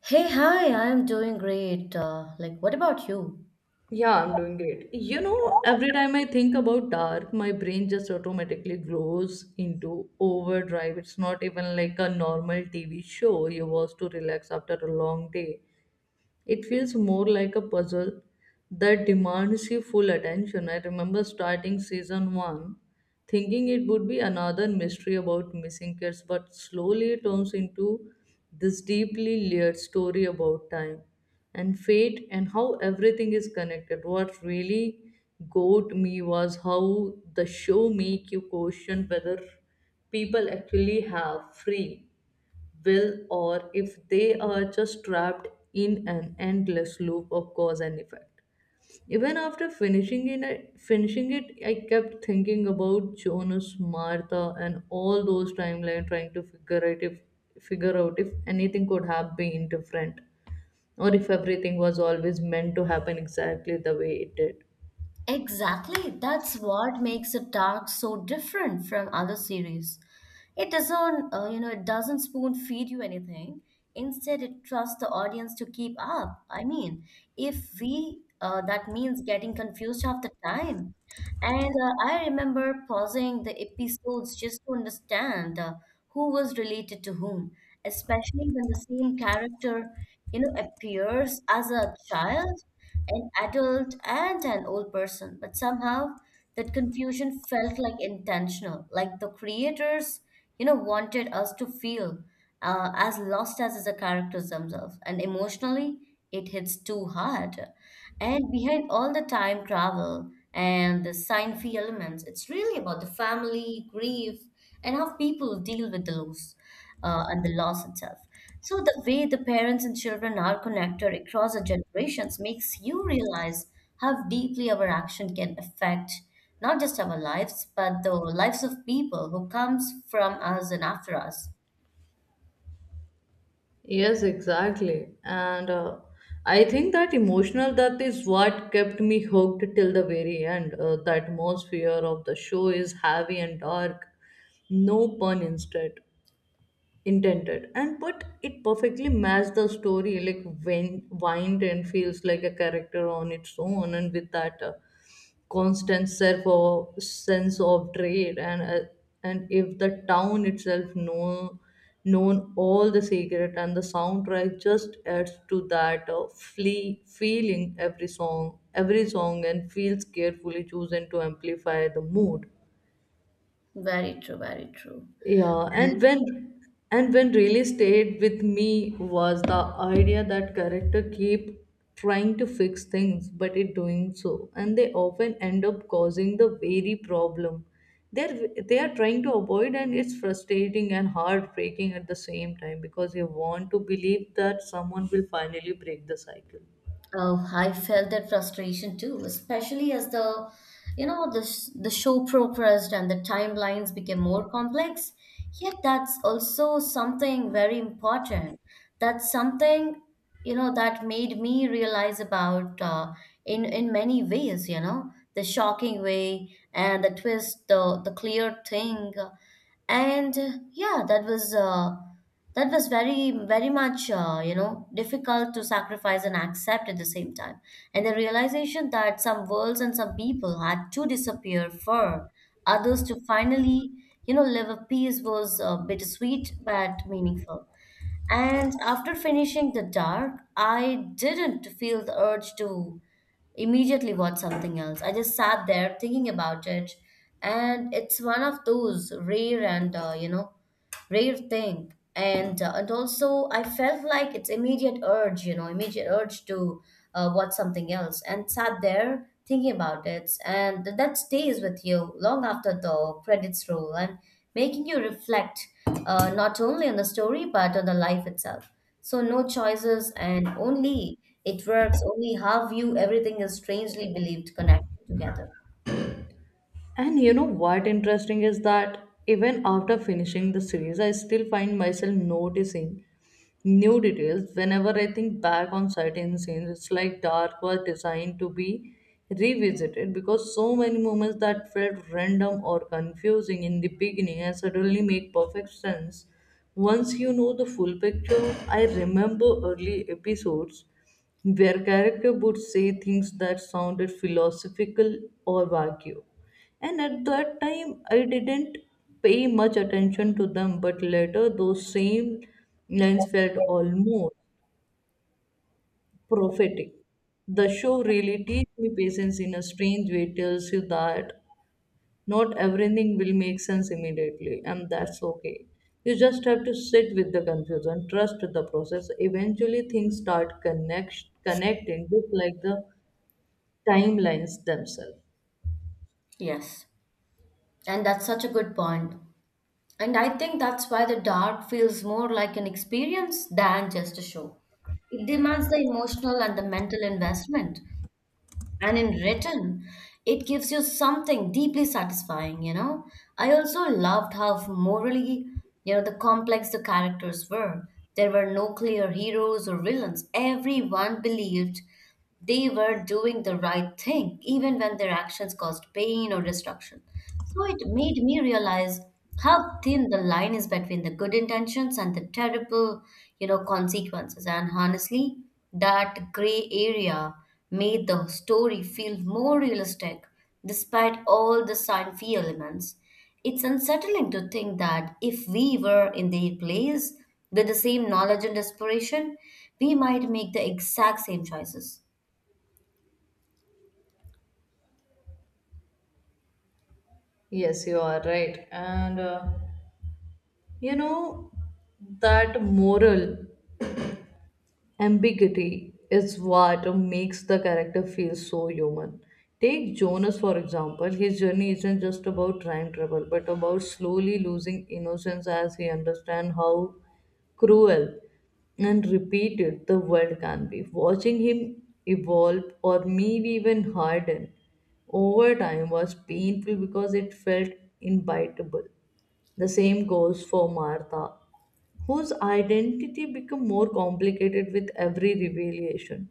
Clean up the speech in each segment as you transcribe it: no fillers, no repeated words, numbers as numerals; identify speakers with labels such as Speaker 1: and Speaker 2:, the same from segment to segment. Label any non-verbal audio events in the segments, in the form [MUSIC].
Speaker 1: Hey, hi, I'm doing great. What about you?
Speaker 2: Yeah, I'm doing great. You know, every time I think about dark, my brain just automatically goes into overdrive. It's not even like a normal TV show you watch to relax after a long day. It feels more like a puzzle that demands your full attention. I remember starting season 1 thinking it would be another mystery about missing kids, but slowly it turns into this deeply layered story about time and fate and how everything is connected. What really got me was how the show make you question whether people actually have free will or if they are just trapped in an endless loop of cause and effect. Even after finishing it, I kept thinking about Jonas, Martha, and all those timeline trying to figure out if anything could have been different, or if everything was always meant to happen exactly the way it did.
Speaker 1: Exactly. That's what makes the Dark so different from other series. It doesn't, it doesn't spoon feed you anything. Instead, it trusts the audience to keep up. I mean, if we that means getting confused half the time. And I remember pausing the episodes just to understand who was related to whom, especially when the same character, appears as a child an adult and an old person, but somehow that confusion felt like intentional, like the creators, wanted us to feel as lost as the characters themselves, and emotionally it hits too hard. And behind all the time travel and the sci-fi elements, it's really about the family, grief, and how people deal with the loss and the loss itself. So the way the parents and children are connected across the generations makes you realize how deeply our action can affect not just our lives, but the lives of people who comes from us and after us.
Speaker 2: Yes, exactly. And I think that emotional depth is what kept me hooked till the very end. The atmosphere of the show is heavy and dark, no pun instead intended, and but it perfectly matched the story, like when wind and feels like a character on its own, and with that constant self or sense of dread and if the town itself know known all the secret, and the soundtrack just adds to that flee feeling. Every song and feels carefully chosen to amplify the mood.
Speaker 1: Very true, very true.
Speaker 2: Yeah, and when really stayed with me was the idea that character keep trying to fix things, but it doing so, and they often end up causing the very problem they are trying to avoid, and it's frustrating and heartbreaking at the same time because you want to believe that someone will finally break the cycle.
Speaker 1: Oh, I felt that frustration too, especially as the, you know, the sh- the show progressed and the timelines became more complex. Yet that's also something very important. That's something, that made me realize about in many ways, the shocking way and the twist, the clear thing, and yeah, that was. That was very, very much, difficult to sacrifice and accept at the same time. And the realization that some worlds and some people had to disappear for others to finally, live a peace was bittersweet but meaningful. And after finishing The Dark, I didn't feel the urge to immediately watch something else. I just sat there thinking about it. And it's one of those rare thing. And also, I felt like it's immediate urge to watch something else and sat there thinking about it. And that stays with you long after the credits roll and making you reflect not only on the story but on the life itself. So no choices and only it works only how you everything is strangely believed connected together.
Speaker 2: And you know what interesting is that even after finishing the series, I still find myself noticing new details whenever I think back on certain scenes. It's like Dark was designed to be revisited because so many moments that felt random or confusing in the beginning and suddenly make perfect sense once you know the full picture. I remember early episodes their character would say things that sounded philosophical or vague. And at that time, I didn't pay much attention to them, but later, those same lines felt almost prophetic. The show really teaches me patience in a strange way, tells you that not everything will make sense immediately, and that's okay. You just have to sit with the confusion, trust the process. Eventually, things start connecting, just like the timelines themselves.
Speaker 1: Yes. And that's such a good point. And I think that's why the dark feels more like an experience than just a show. It demands the emotional and the mental investment. And in return, it gives you something deeply satisfying, you know. I also loved how morally, the complex the characters were. There were no clear heroes or villains. Everyone believed they were doing the right thing, even when their actions caused pain or destruction. So it made me realize how thin the line is between the good intentions and the terrible, consequences. And honestly, that gray area made the story feel more realistic despite all the sci-fi elements. It's unsettling to think that if we were in their place with the same knowledge and desperation, we might make the exact same choices.
Speaker 2: Yes, you are right. You know, that moral ambiguity is what makes the character feel so human. Take Jonas, for example. His journey isn't just about time travel, but about slowly losing innocence as he understands how cruel and repeated the world can be. Watching him evolve or maybe even harden over time was painful because it felt inevitable. The same goes for Martha, whose identity became more complicated with every revelation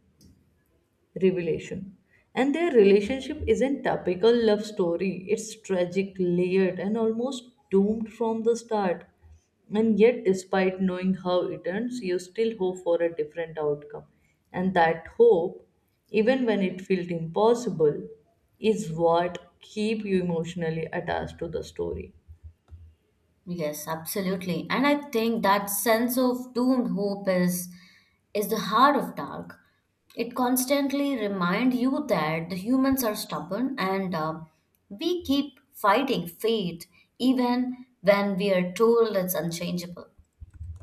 Speaker 2: revelation. And their relationship isn't typical love story. It's tragic, layered, and almost doomed from the start. And yet, despite knowing how it ends, you still hope for a different outcome. And that hope, even when it felt impossible, is what keep you emotionally attached to the story.
Speaker 1: Yes, absolutely. And I think that sense of doomed hope is the heart of dark. It constantly reminds you that the humans are stubborn and we keep fighting fate even when we are told it's unchangeable.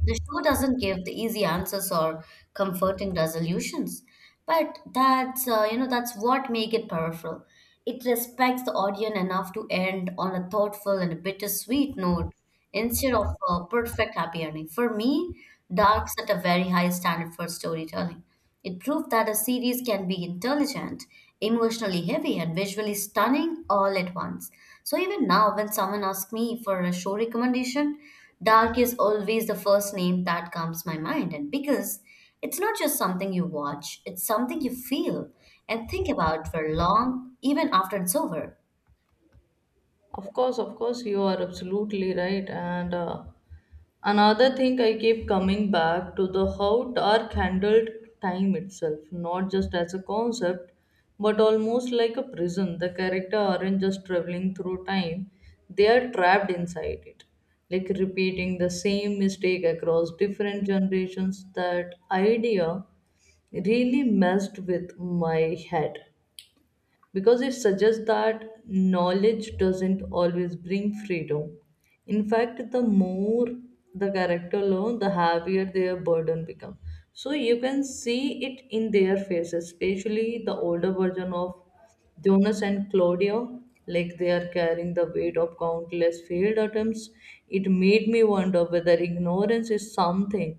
Speaker 1: The show doesn't give the easy answers or comforting resolutions, but that's you know that's what make it powerful. It respects the audience enough to end on a thoughtful and a bittersweet note instead of a perfect happy ending. For me, Dark set a very high standard for storytelling. It proved that a series can be intelligent, emotionally heavy, and visually stunning all at once. So even now, when someone asks me for a show recommendation, Dark is always the first name that comes to my mind, and because it's not just something you watch, it's something you feel and think about for long, even after it's over.
Speaker 2: Of course, you are absolutely right. And Another thing, I keep coming back to the how dark handled time itself, not just as a concept, but almost like a prison. The character aren't just traveling through time; they are trapped inside it, like repeating the same mistake across different generations. That idea really messed with my head because it suggests that knowledge doesn't always bring freedom. In fact, the more the character learn, the heavier their burden becomes. So you can see it in their faces, especially the older version of Jonas and Claudia, like they are carrying the weight of countless failed attempts. It made me wonder whether ignorance is something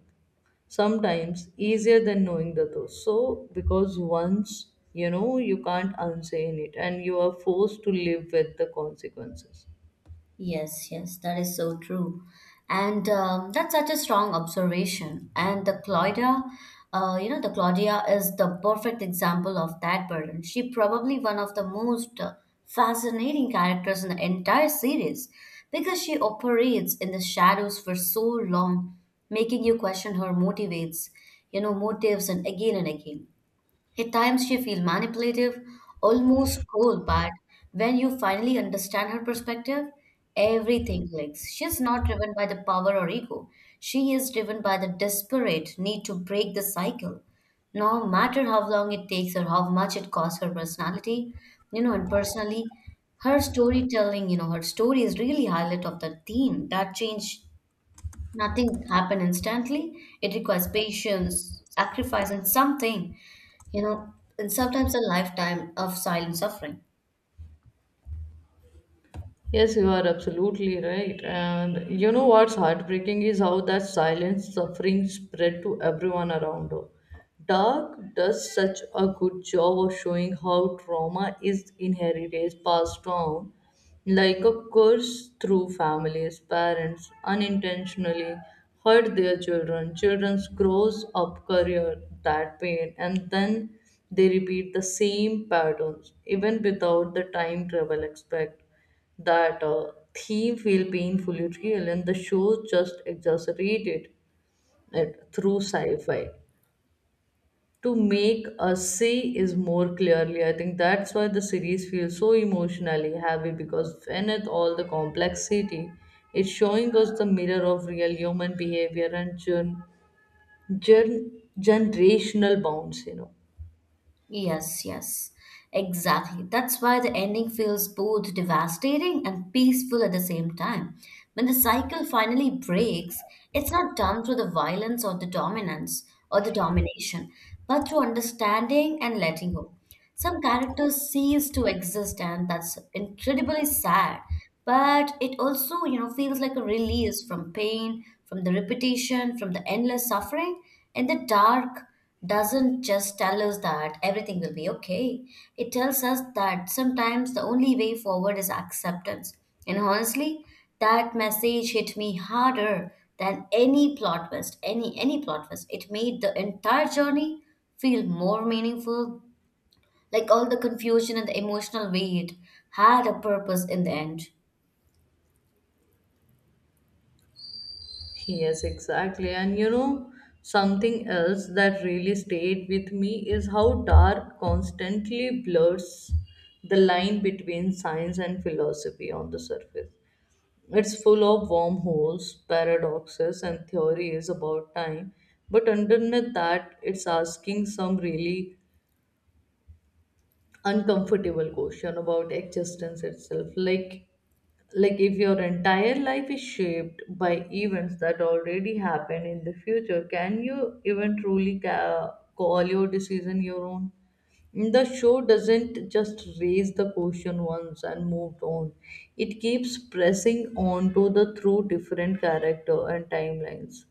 Speaker 2: sometimes easier than knowing the truth. So, because once you know, you can't unsay it, and you are forced to live with the consequences.
Speaker 1: Yes, yes, that is so true. And That's such a strong observation. And the Claudia, you know, The Claudia is the perfect example of that burden. She probably one of the most fascinating characters in the entire series because she operates in the shadows for so long, making you question her motivates, you know, motives and again and again. At times she feels manipulative, almost cold, but when you finally understand her perspective, everything clicks. She's not driven by the power or ego. She is driven by the desperate need to break the cycle. No matter how long it takes or how much it costs her personality, you know, and personally, her story is really highlight of the theme that change. Nothing happen instantly. It requires patience, sacrifice, and something, you know, and sometimes a lifetime of silent suffering.
Speaker 2: Yes, you are absolutely right. And you know what's heartbreaking is how that silent suffering spread to everyone around her. Dark does such a good job of showing how trauma is inherited, passed down like a curse through families. Parents unintentionally hurt their children. Children grows up career that pain, and then they repeat the same patterns even without the time travel aspect. That theme feel painfully real, and the show just exaggerated it through sci-fi to make us see is more clearly. I think that's why the series feels so emotionally heavy, because beneath all the complexity, it's showing us the mirror of real human behavior and generational bonds, you know.
Speaker 1: Yes, yes, exactly. That's why the ending feels both devastating and peaceful at the same time. When the cycle finally breaks, it's not done through the violence or the dominance or the domination, but through understanding and letting go. Some characters cease to exist, and that's incredibly sad. But it also, feels like a release from pain, from the repetition, from the endless suffering. And the dark doesn't just tell us that everything will be okay. It tells us that sometimes the only way forward is acceptance. And honestly, that message hit me harder than any plot twist. It made the entire journey feel more meaningful like all the confusion and the emotional weight had a purpose in the end.
Speaker 2: Yes, exactly. And you know, something else that really stayed with me is how dark constantly blurs the line between science and philosophy on the surface. It's full of wormholes, paradoxes, and theories about time, but underneath that, it's asking some really uncomfortable question about existence itself. Like if your entire life is shaped by events that already happen in the future, can you even truly call your decision your own? The show doesn't just raise the question once and moved on. It keeps pressing on to the through different character and timelines,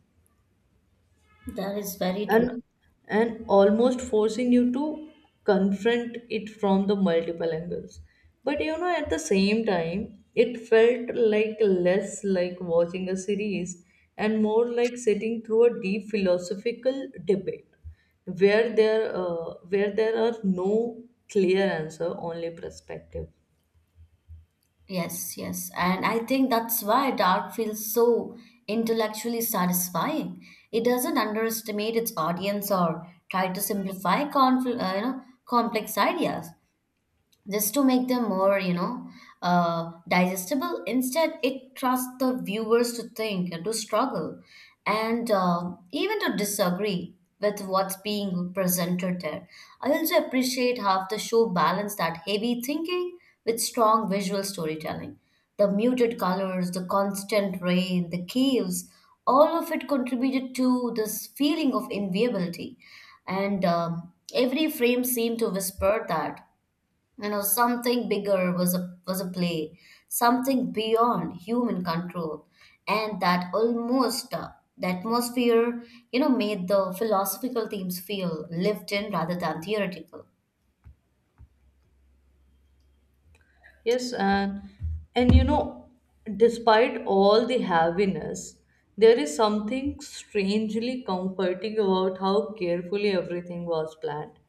Speaker 1: That is very true.
Speaker 2: and and almost forcing you to confront it from the multiple angles. But you know, at the same time, it felt like less like watching a series and more like sitting through a deep philosophical debate, where there are no clear answer, only perspective.
Speaker 1: Yes, yes. And I think that's why Dark feels so intellectually satisfying. It doesn't underestimate its audience or try to simplify complex ideas. Just to make them more digestible. Instead it trusts the viewers to think and to struggle and even to disagree with what's being presented there. I also appreciate how the show balanced that heavy thinking with strong visual storytelling, the muted colors, the constant rain, the caves, all of it contributed to this feeling of inviability, and every frame seemed to whisper that, something bigger was a play, something beyond human control, and that almost the atmosphere, made the philosophical themes feel lived in rather than theoretical.
Speaker 2: Yes, and you know, despite all the heaviness, there is something strangely comforting about how carefully everything was planned,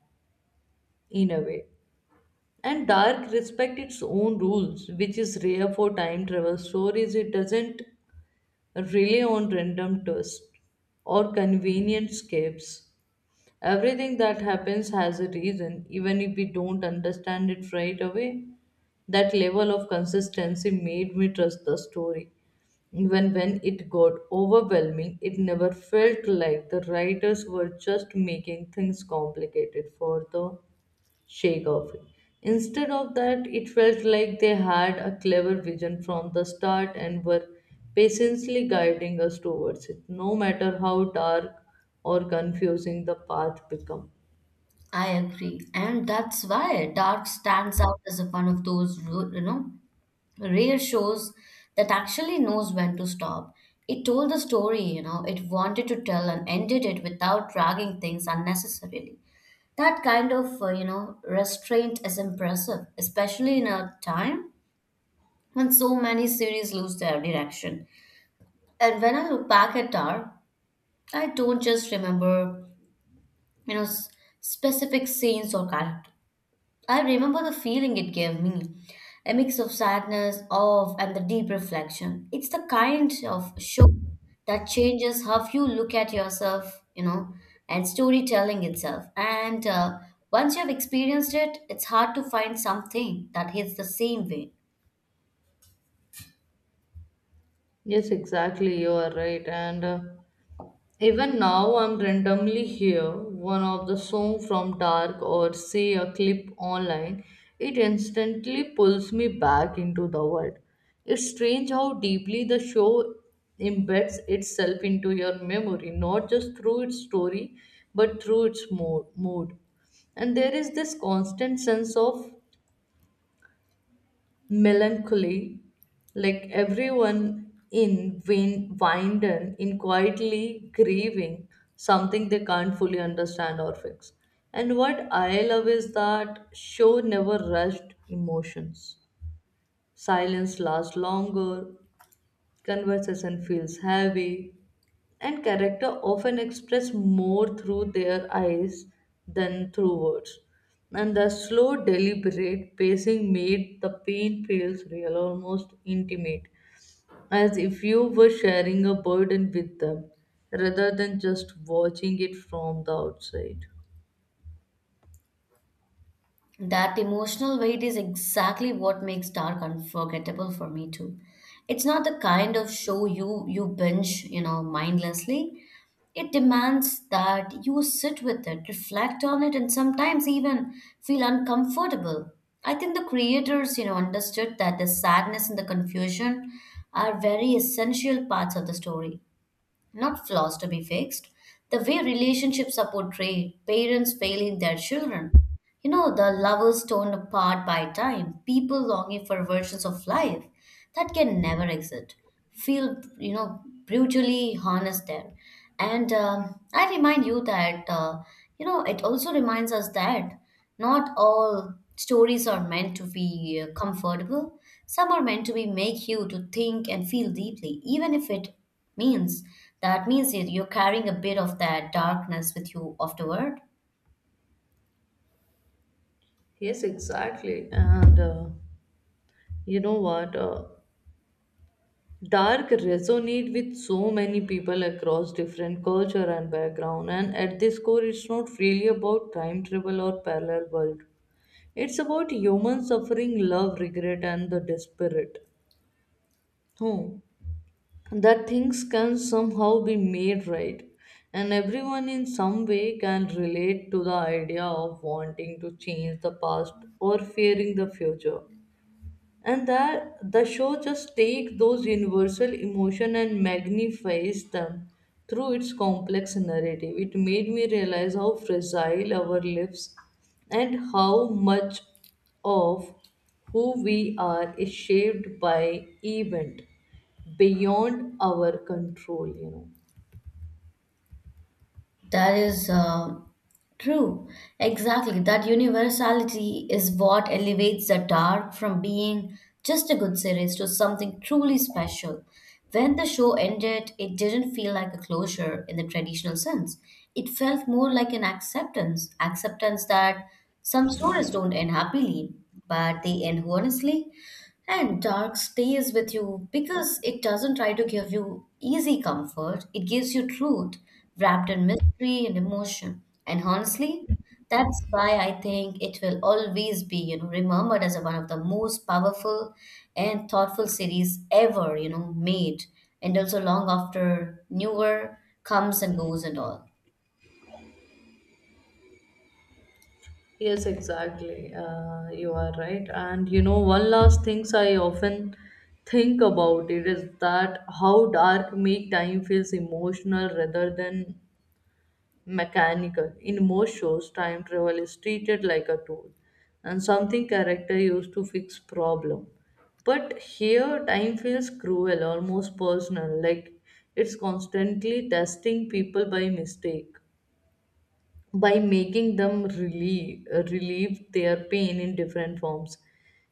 Speaker 2: in a way. And Dark respect its own rules, which is rare for time travel stories. It doesn't rely on random twists or convenient escapes. Everything that happens has a reason, even if we don't understand it right away. That level of consistency made me trust the story. Even when it got overwhelming, it never felt like the writers were just making things complicated for the sake of it. Instead of that, it felt like they had a clever vision from the start and were patiently guiding us towards it, no matter how dark or confusing the path become.
Speaker 1: I agree, and that's why Dark stands out as one of those, you know, rare shows that actually knows when to stop. It told the story, it wanted to tell and ended it without dragging things unnecessarily. That kind of, restraint is impressive, especially in a time when so many series lose their direction. And when I look back at Tar, I don't just remember, you know, s- specific scenes or characters. I remember the feeling it gave me, a mix of sadness, awe, and the deep reflection. It's the kind of show that changes how you look at yourself, and storytelling itself. And Once you've experienced it, it's hard to find something that hits the same way.
Speaker 2: Yes, exactly, you are right. And Even now, I'm randomly here one of the song from Dark or say a clip online. It instantly pulls me back into the world. It's strange how deeply the show embeds itself into your memory, not just through its story, but through its mood. And there is this constant sense of melancholy, like everyone in Winden in quietly grieving something they can't fully understand or fix. And what I love is that show never rushed emotions. Silence lasts longer, conversation feels heavy, and character often express more through their eyes than through words. And the slow, deliberate pacing made the pain feels real, almost intimate, as if you were sharing a burden with them rather than just watching it from the outside.
Speaker 1: That emotional weight is exactly what makes Dark unforgettable for me too. It's not the kind of show you binge, mindlessly. It demands that you sit with it, reflect on it, and sometimes even feel uncomfortable. I think the creators, understood that the sadness and the confusion are very essential parts of the story, not flaws to be fixed. The way relationships are portrayed, parents failing their children, the lovers torn apart by time, people longing for versions of life that can never exist, feel, brutally harnessed there. And I remind you that, it also reminds us that not all stories are meant to be comfortable. Some are meant to be make you to think and feel deeply, even if it means that you're carrying a bit of that darkness with you afterward.
Speaker 2: Yes, exactly. And you know what? Dark resonate with so many people across different culture and background, and at this core it's not really about time travel or parallel world. It's about human suffering, love, regret, and the desperate. Hmm. That things can somehow be made right, and everyone in some way can relate to the idea of wanting to change the past or fearing the future. And that the show just takes those universal emotion and magnifies them through its complex narrative. It made me realize how fragile our lives and how much of who we are is shaped by event beyond our control, you know.
Speaker 1: That is True. Exactly. That universality is what elevates The Dark from being just a good series to something truly special. When the show ended, it didn't feel like a closure in the traditional sense. It felt more like an acceptance acceptance that some stories don't end happily, but they end honestly. And dark stays with you because it doesn't try to give you easy comfort. It gives you truth wrapped in mystery and emotion. And honestly, that's why I think it will always be, remembered as one of the most powerful and thoughtful series ever, made. And also long after newer comes and goes and all.
Speaker 2: Yes, exactly. You are right. And you know, one last things I often think about it is that how dark make time feels emotional rather than mechanical. In most shows, time travel is treated like a tool, and something character used to fix problem. But here, time feels cruel, almost personal, like it's constantly testing people by mistake, by making them relieve their pain in different forms.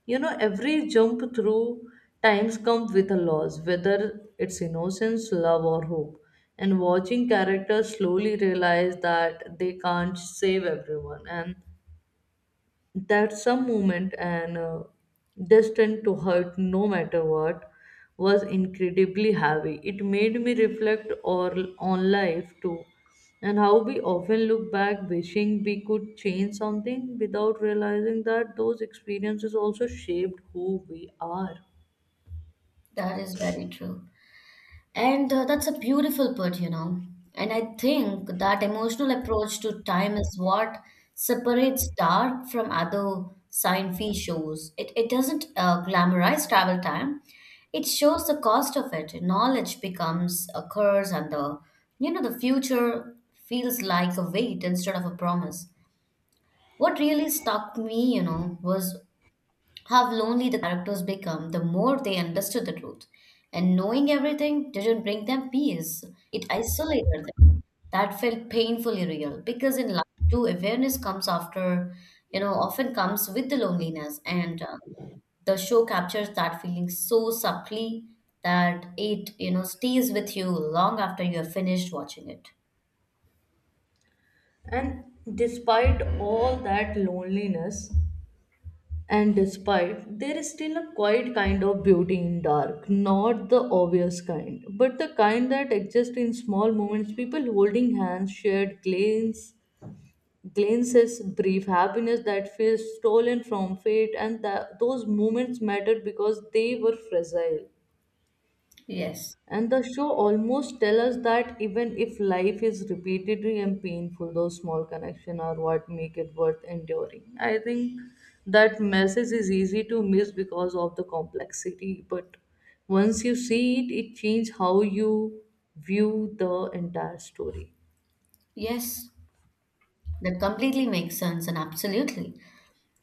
Speaker 2: You know, every jump through times comes with a loss, whether it's innocence, love, or hope. And watching characters slowly realize that they can't save everyone, and that some moment, and destined to hurt no matter what, was incredibly heavy. It made me reflect or, on life too, and how we often look back wishing we could change something without realizing that those experiences also shaped who we are.
Speaker 1: That is very true. And That's a beautiful put, you know. And I think that emotional approach to time is what separates Dark from other sci-fi shows. It doesn't glamorize travel time. It shows the cost of it. Knowledge becomes a curse, and the the future feels like a weight instead of a promise. What really stuck me, was how lonely the characters become the more they understood the truth. And knowing everything didn't bring them peace, it isolated them. That felt painfully real because in life too, awareness comes often comes with the loneliness. And The show captures that feeling so subtly that it stays with you long after you have finished watching it.
Speaker 2: And despite all that loneliness, there is still a quiet kind of beauty in Dark, not the obvious kind, but the kind that exists in small moments: people holding hands, glances, brief happiness that feels stolen from fate, and that those moments mattered because they were fragile.
Speaker 1: Yes,
Speaker 2: And the show almost tell us that even if life is repeatedly and painful, those small connections are what make it worth enduring. I think that message is easy to miss because of the complexity, but once you see it, it changes how you view the entire story.
Speaker 1: yes. That completely makes sense and absolutely.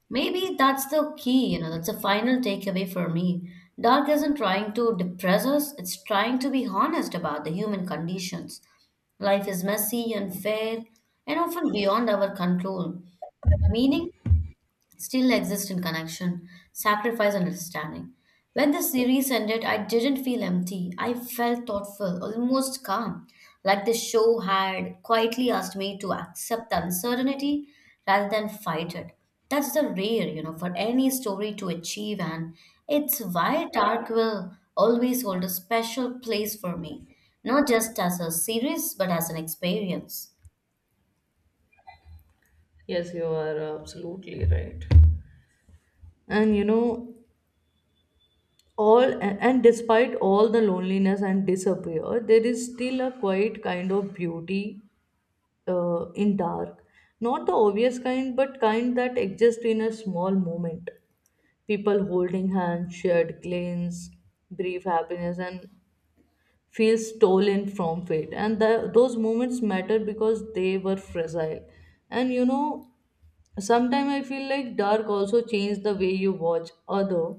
Speaker 1: Maybe that's the key, that's the final takeaway for me. Dark isn't trying to depress us, it's trying to be honest about the human conditions. Life is messy, unfair, and often beyond our control. But meaning still exist in connection, sacrifice, and understanding. When the series ended, I didn't feel empty. I felt thoughtful, almost calm, like the show had quietly asked me to accept the uncertainty rather than fight it. That's the rare, for any story to achieve, and it's why Dark will always hold a special place for me, not just as a series, but as an experience.
Speaker 2: Yes, you are absolutely right. and you know all a- And despite all the loneliness and disappear, there is still a quiet kind of beauty in Dark. Not the obvious kind, but kind that exist in a small moment. People holding hands, shared glances, brief happiness, and feel stolen from fate. And those moments matter because they were fragile. And you know, Sometimes I feel like Dark also changed the way you watch other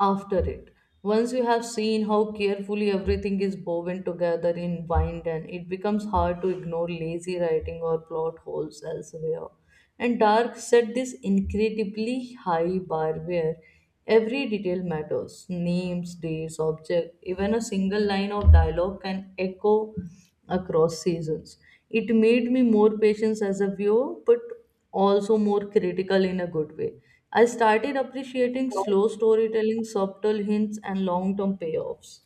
Speaker 2: after it. Once you have seen how carefully everything is woven together in Wind, and it becomes hard to ignore lazy writing or plot holes elsewhere. And Dark set this incredibly high bar where every detail matters: names, dates, object, even a single line of dialogue can echo across seasons. It made me more patient as a viewer, but also more critical in a good way. I started appreciating slow storytelling, subtle hints, and long term payoffs.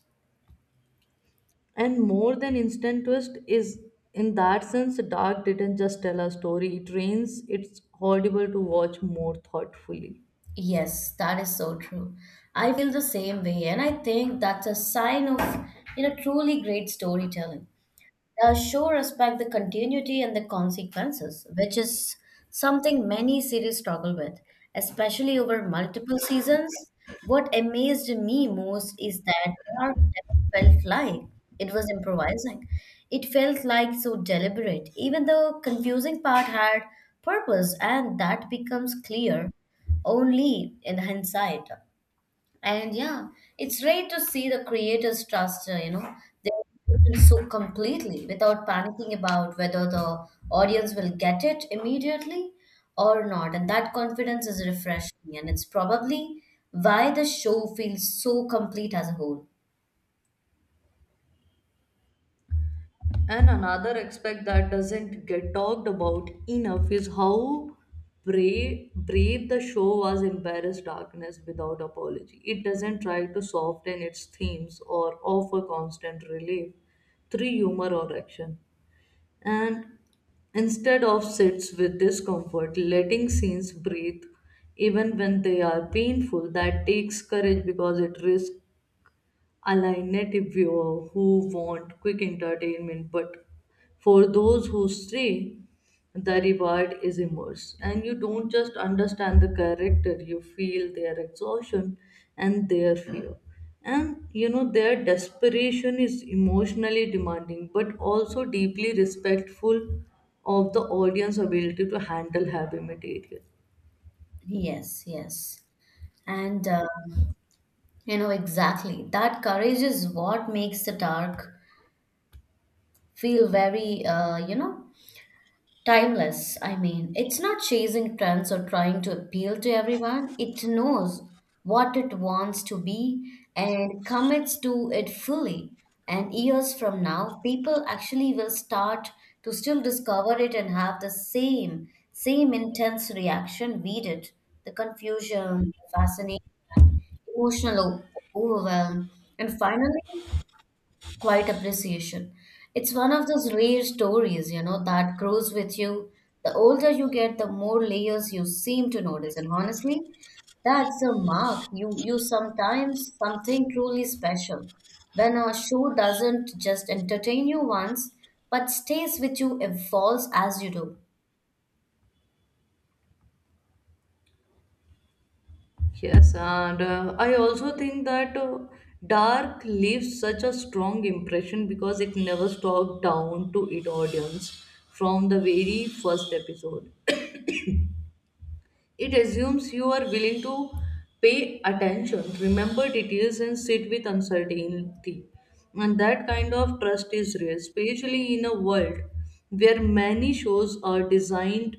Speaker 2: And more than instant twist is, in that sense, Dark didn't just tell a story, it trains its audible to watch more thoughtfully.
Speaker 1: Yes, that is so true. I feel the same way, and I think that's a sign of, truly great storytelling. The show respect the continuity and the consequences, which is something many series struggle with, especially over multiple seasons. What amazed me most is that Dark never felt like it was improvising. It felt like so deliberate, even the confusing part had purpose, and that becomes clear only in hindsight. And yeah, it's rare to see the creators trust, their decisions so completely without panicking about whether the audience will get it immediately or not. And that confidence is refreshing, and it's probably why the show feels so complete as a whole.
Speaker 2: And another aspect that doesn't get talked about enough is how brave the show was embarrassed darkness without apology. It doesn't try to soften its themes or offer constant relief through humor or action. And instead of sits with discomfort, letting scenes breathe even when they are painful, that takes courage because it risks a native viewer who want quick entertainment. But for those who stay, the reward is immense, and you don't just understand the character, you feel their exhaustion and their fear, and their desperation is emotionally demanding but also deeply respectful of the audience ability to handle heavy material.
Speaker 1: Yes, yes. And exactly that courage is what makes the dark feel very Timeless. I mean, it's not chasing trends or trying to appeal to everyone. It knows what it wants to be and commits to it fully. And years from now, people actually will start to still discover it and have the same intense reaction we did. The confusion, the fascination, emotional overwhelm, and finally Quite appreciation. It's one of those rare stories, that grows with you. The older you get, the more layers you seem to notice. And honestly, that's a mark. You sometimes something truly special. When a show doesn't just entertain you once, but stays with you, evolves as you do.
Speaker 2: Yes, and I also think that Dark leaves such a strong impression because it never stopped down to its audience from the very first episode. [CLEARS THROAT] It assumes you are willing to pay attention, remember details, and sit with uncertainty. And that kind of trust is rare, especially in a world where many shows are designed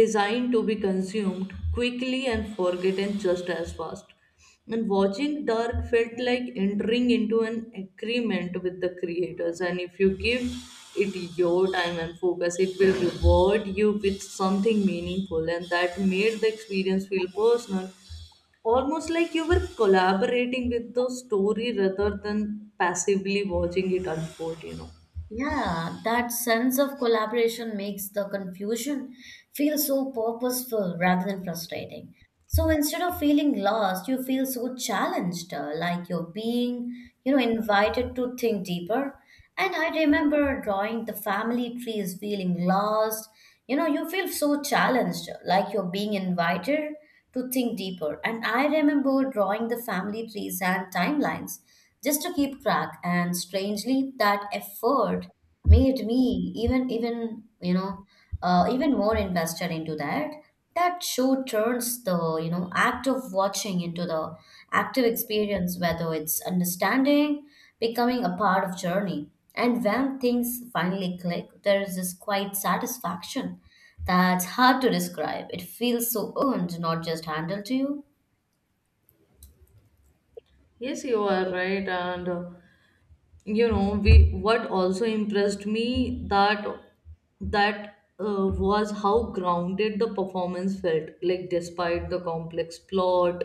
Speaker 2: designed to be consumed quickly and forgotten just as fast. And watching Dark felt like entering into an agreement with the creators. And if you give it your time and focus, it will reward you with something meaningful. And that made the experience feel personal, almost like you were collaborating with the story rather than passively watching it unfold.
Speaker 1: Yeah, that sense of collaboration makes the confusion feel so purposeful rather than frustrating. So instead of feeling lost, you feel so challenged, like you're being, invited to think deeper. And I remember drawing the family trees, feeling lost. You know, you feel so challenged, like you're being invited to think deeper. And I remember drawing the family trees and timelines just to keep track. And strangely, that effort made me even even you know even more invested into that. That show turns the act of watching into the active experience, whether it's understanding, becoming a part of journey. And when things finally click, there is this quiet satisfaction that's hard to describe. It feels so earned, not just handed to you.
Speaker 2: Yes, you are right. And you know we what also impressed me that that was how grounded the performance felt like. Despite the complex plot,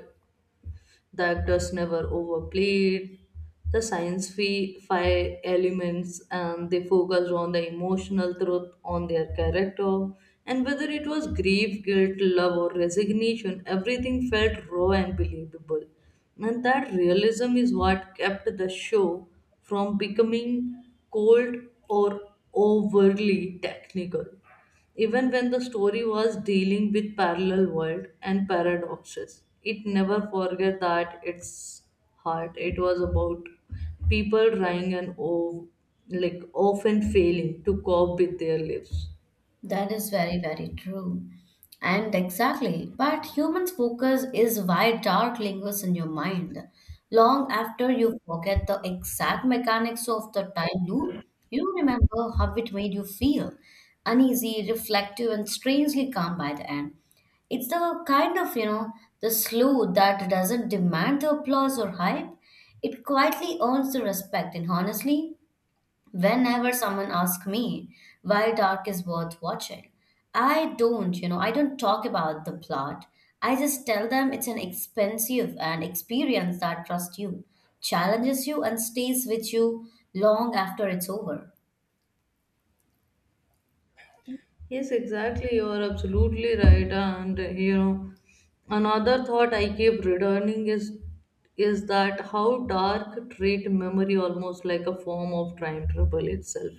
Speaker 2: the actors never overplayed the science fi elements, and they focused on the emotional truth on their character. And whether it was grief, guilt, love, or resignation, everything felt raw and believable. And that realism is what kept the show from becoming cold or overly technical. Even when the story was dealing with parallel world and paradoxes, it never forget that its heart it was about people trying and like often failing to cope with their lives.
Speaker 1: That is very, very true. And exactly, but human focus is why dark lingers in your mind. Long after you forget the exact mechanics of the time loop, you remember how it made you feel uneasy, reflective, and strangely calm by the end. It's the kind of, the slew that doesn't demand the applause or hype. It quietly earns the respect, and honestly, whenever someone asks me why Dark is worth watching, I don't talk about the plot. I just tell them it's an expensive and experience that trusts you, challenges you, and stays with you long after it's over.
Speaker 2: Yes, exactly. You are absolutely right. And another thought I keep returning is that how dark treat memory almost like a form of time trouble itself.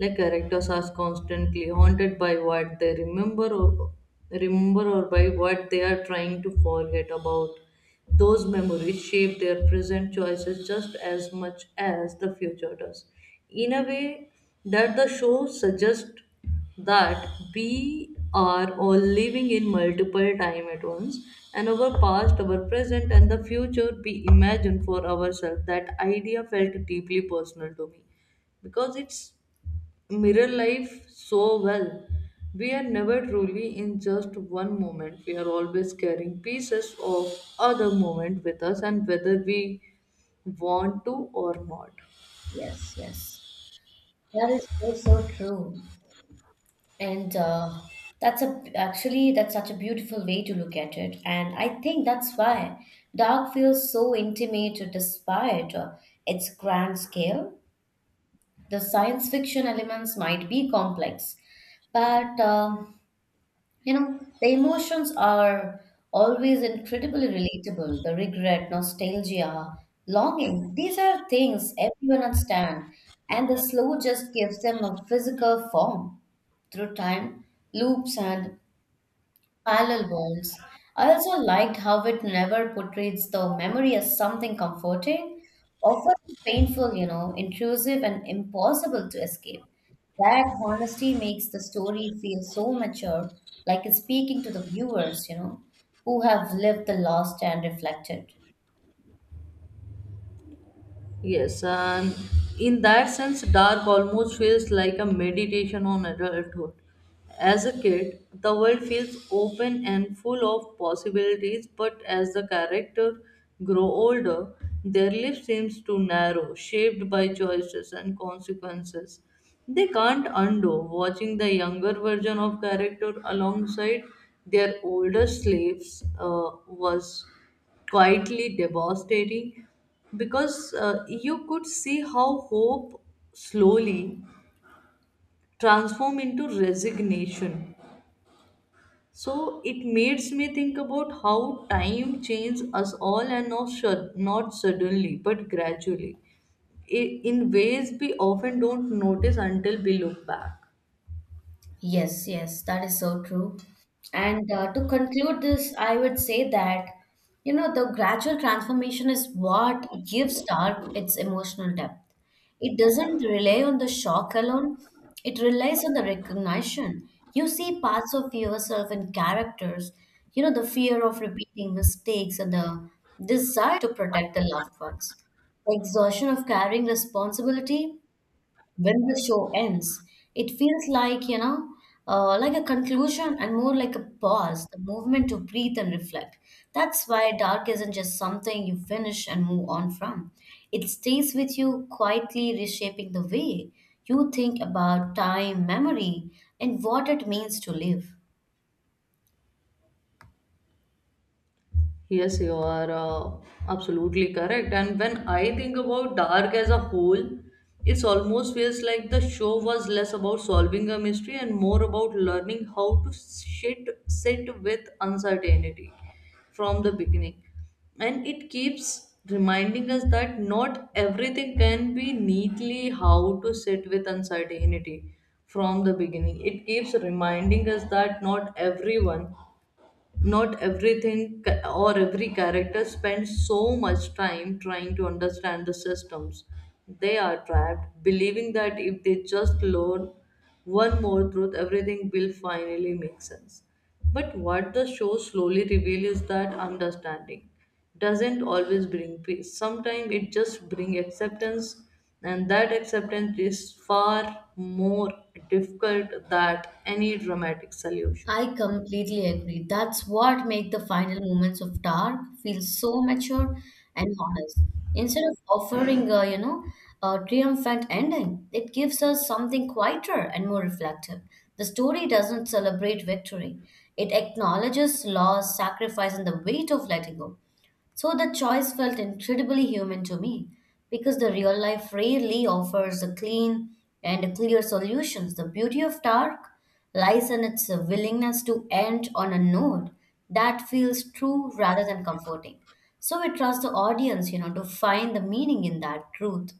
Speaker 2: Like characters are constantly haunted by what they remember or by what they are trying to forget about. Those memories shape their present choices just as much as the future does. In a way that the show suggests that we are all living in multiple time at once, and our past, our present, and the future we imagine for ourselves, that idea felt deeply personal to me because it's mirror life so well. We are never truly in just one moment, we are always carrying pieces of other moment with us, and whether we want to or not.
Speaker 1: Yes, yes. That is so, so true. And That's a actually that's such a beautiful way to look at it. And I think that's why Dark feels so intimate despite its grand scale. The science fiction elements might be complex but the emotions are always incredibly relatable, the regret, nostalgia, longing. These are things everyone understand and the slow just gives them a physical form through time loops and Parallel bonds. I also liked how it never portrays the memory as something comforting. Often it's painful, intrusive and impossible to escape. That honesty makes the story feel so mature, like it's speaking to the viewers, who have lived the lost and reflected.
Speaker 2: Yes, and in that sense, Dark almost feels like a meditation on adulthood. As a kid, the world feels open and full of possibilities, but as the character grow older, their life seems to narrow, shaped by choices and consequences. They can't undo watching the younger version of character alongside their older slaves was quietly devastating because you could see how hope slowly transformed into resignation. So it makes me think about how time changes us all, and not suddenly but gradually in ways we often don't notice until we look back.
Speaker 1: Yes, yes, that is so true. And To conclude this, I would say that, the gradual transformation is what gives Dark its emotional depth. It doesn't rely on the shock alone, it relies on the recognition. You see parts of yourself in characters, the fear of repeating mistakes and the desire to protect the loved ones. The exhaustion of carrying responsibility when the show ends, it feels like, like a conclusion and more like a pause, the movement to breathe and reflect. That's why dark isn't just something you finish and move on from. It stays with you, quietly reshaping the way you think about time, memory, and what it means to live.
Speaker 2: Yes, you are absolutely correct. And when I think about Dark as a whole, it almost feels like the show was less about solving a mystery and more about learning how to sit with uncertainty from the beginning. And it keeps reminding us that not everything can be neatly how to sit with uncertainty from the beginning. It keeps reminding us that not everyone, not everything or every character spends so much time trying to understand the systems they are trapped, believing that if they just learn one more truth everything will finally make sense. But what the show slowly reveals is that understanding doesn't always bring peace, sometimes it just brings acceptance, and that acceptance is far more difficult than any dramatic solution.
Speaker 1: I completely agree. That's what makes the final moments of Dark feel so mature and honest. Instead of offering a, a triumphant ending, it gives us something quieter and more reflective. The story doesn't celebrate victory. It acknowledges loss, sacrifice, and the weight of letting go. So the choice felt incredibly human to me because the real life rarely offers a clean and clear solutions. The beauty of Dark lies in its willingness to end on a note that feels true rather than comforting. So we trust the audience, to find the meaning in that truth.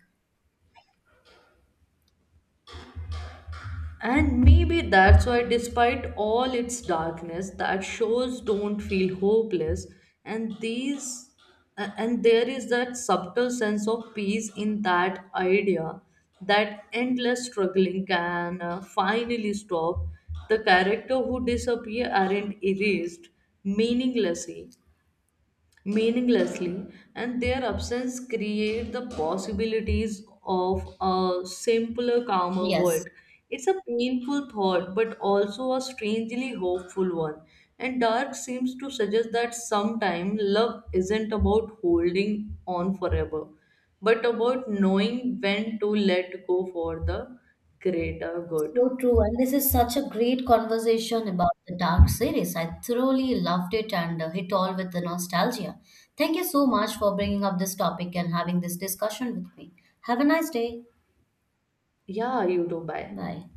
Speaker 2: And maybe that's why, despite all its darkness, that shows don't feel hopeless, and and there is that subtle sense of peace in that idea that endless struggling can finally stop. The character who disappear aren't erased meaninglessly meaninglessly, and their absence create the possibilities of a simpler, calmer
Speaker 1: Yes.
Speaker 2: world. It's a painful thought but also a strangely hopeful one, and Dark seems to suggest that sometime love isn't about holding on forever but about knowing when to let go for the greater good.
Speaker 1: So true. And this is such a great conversation about the dark series. I thoroughly loved it and hit all with the nostalgia. Thank you so much for bringing up this topic and having this discussion with me. Have a nice day.
Speaker 2: Yeah, you do. Bye.
Speaker 1: Bye.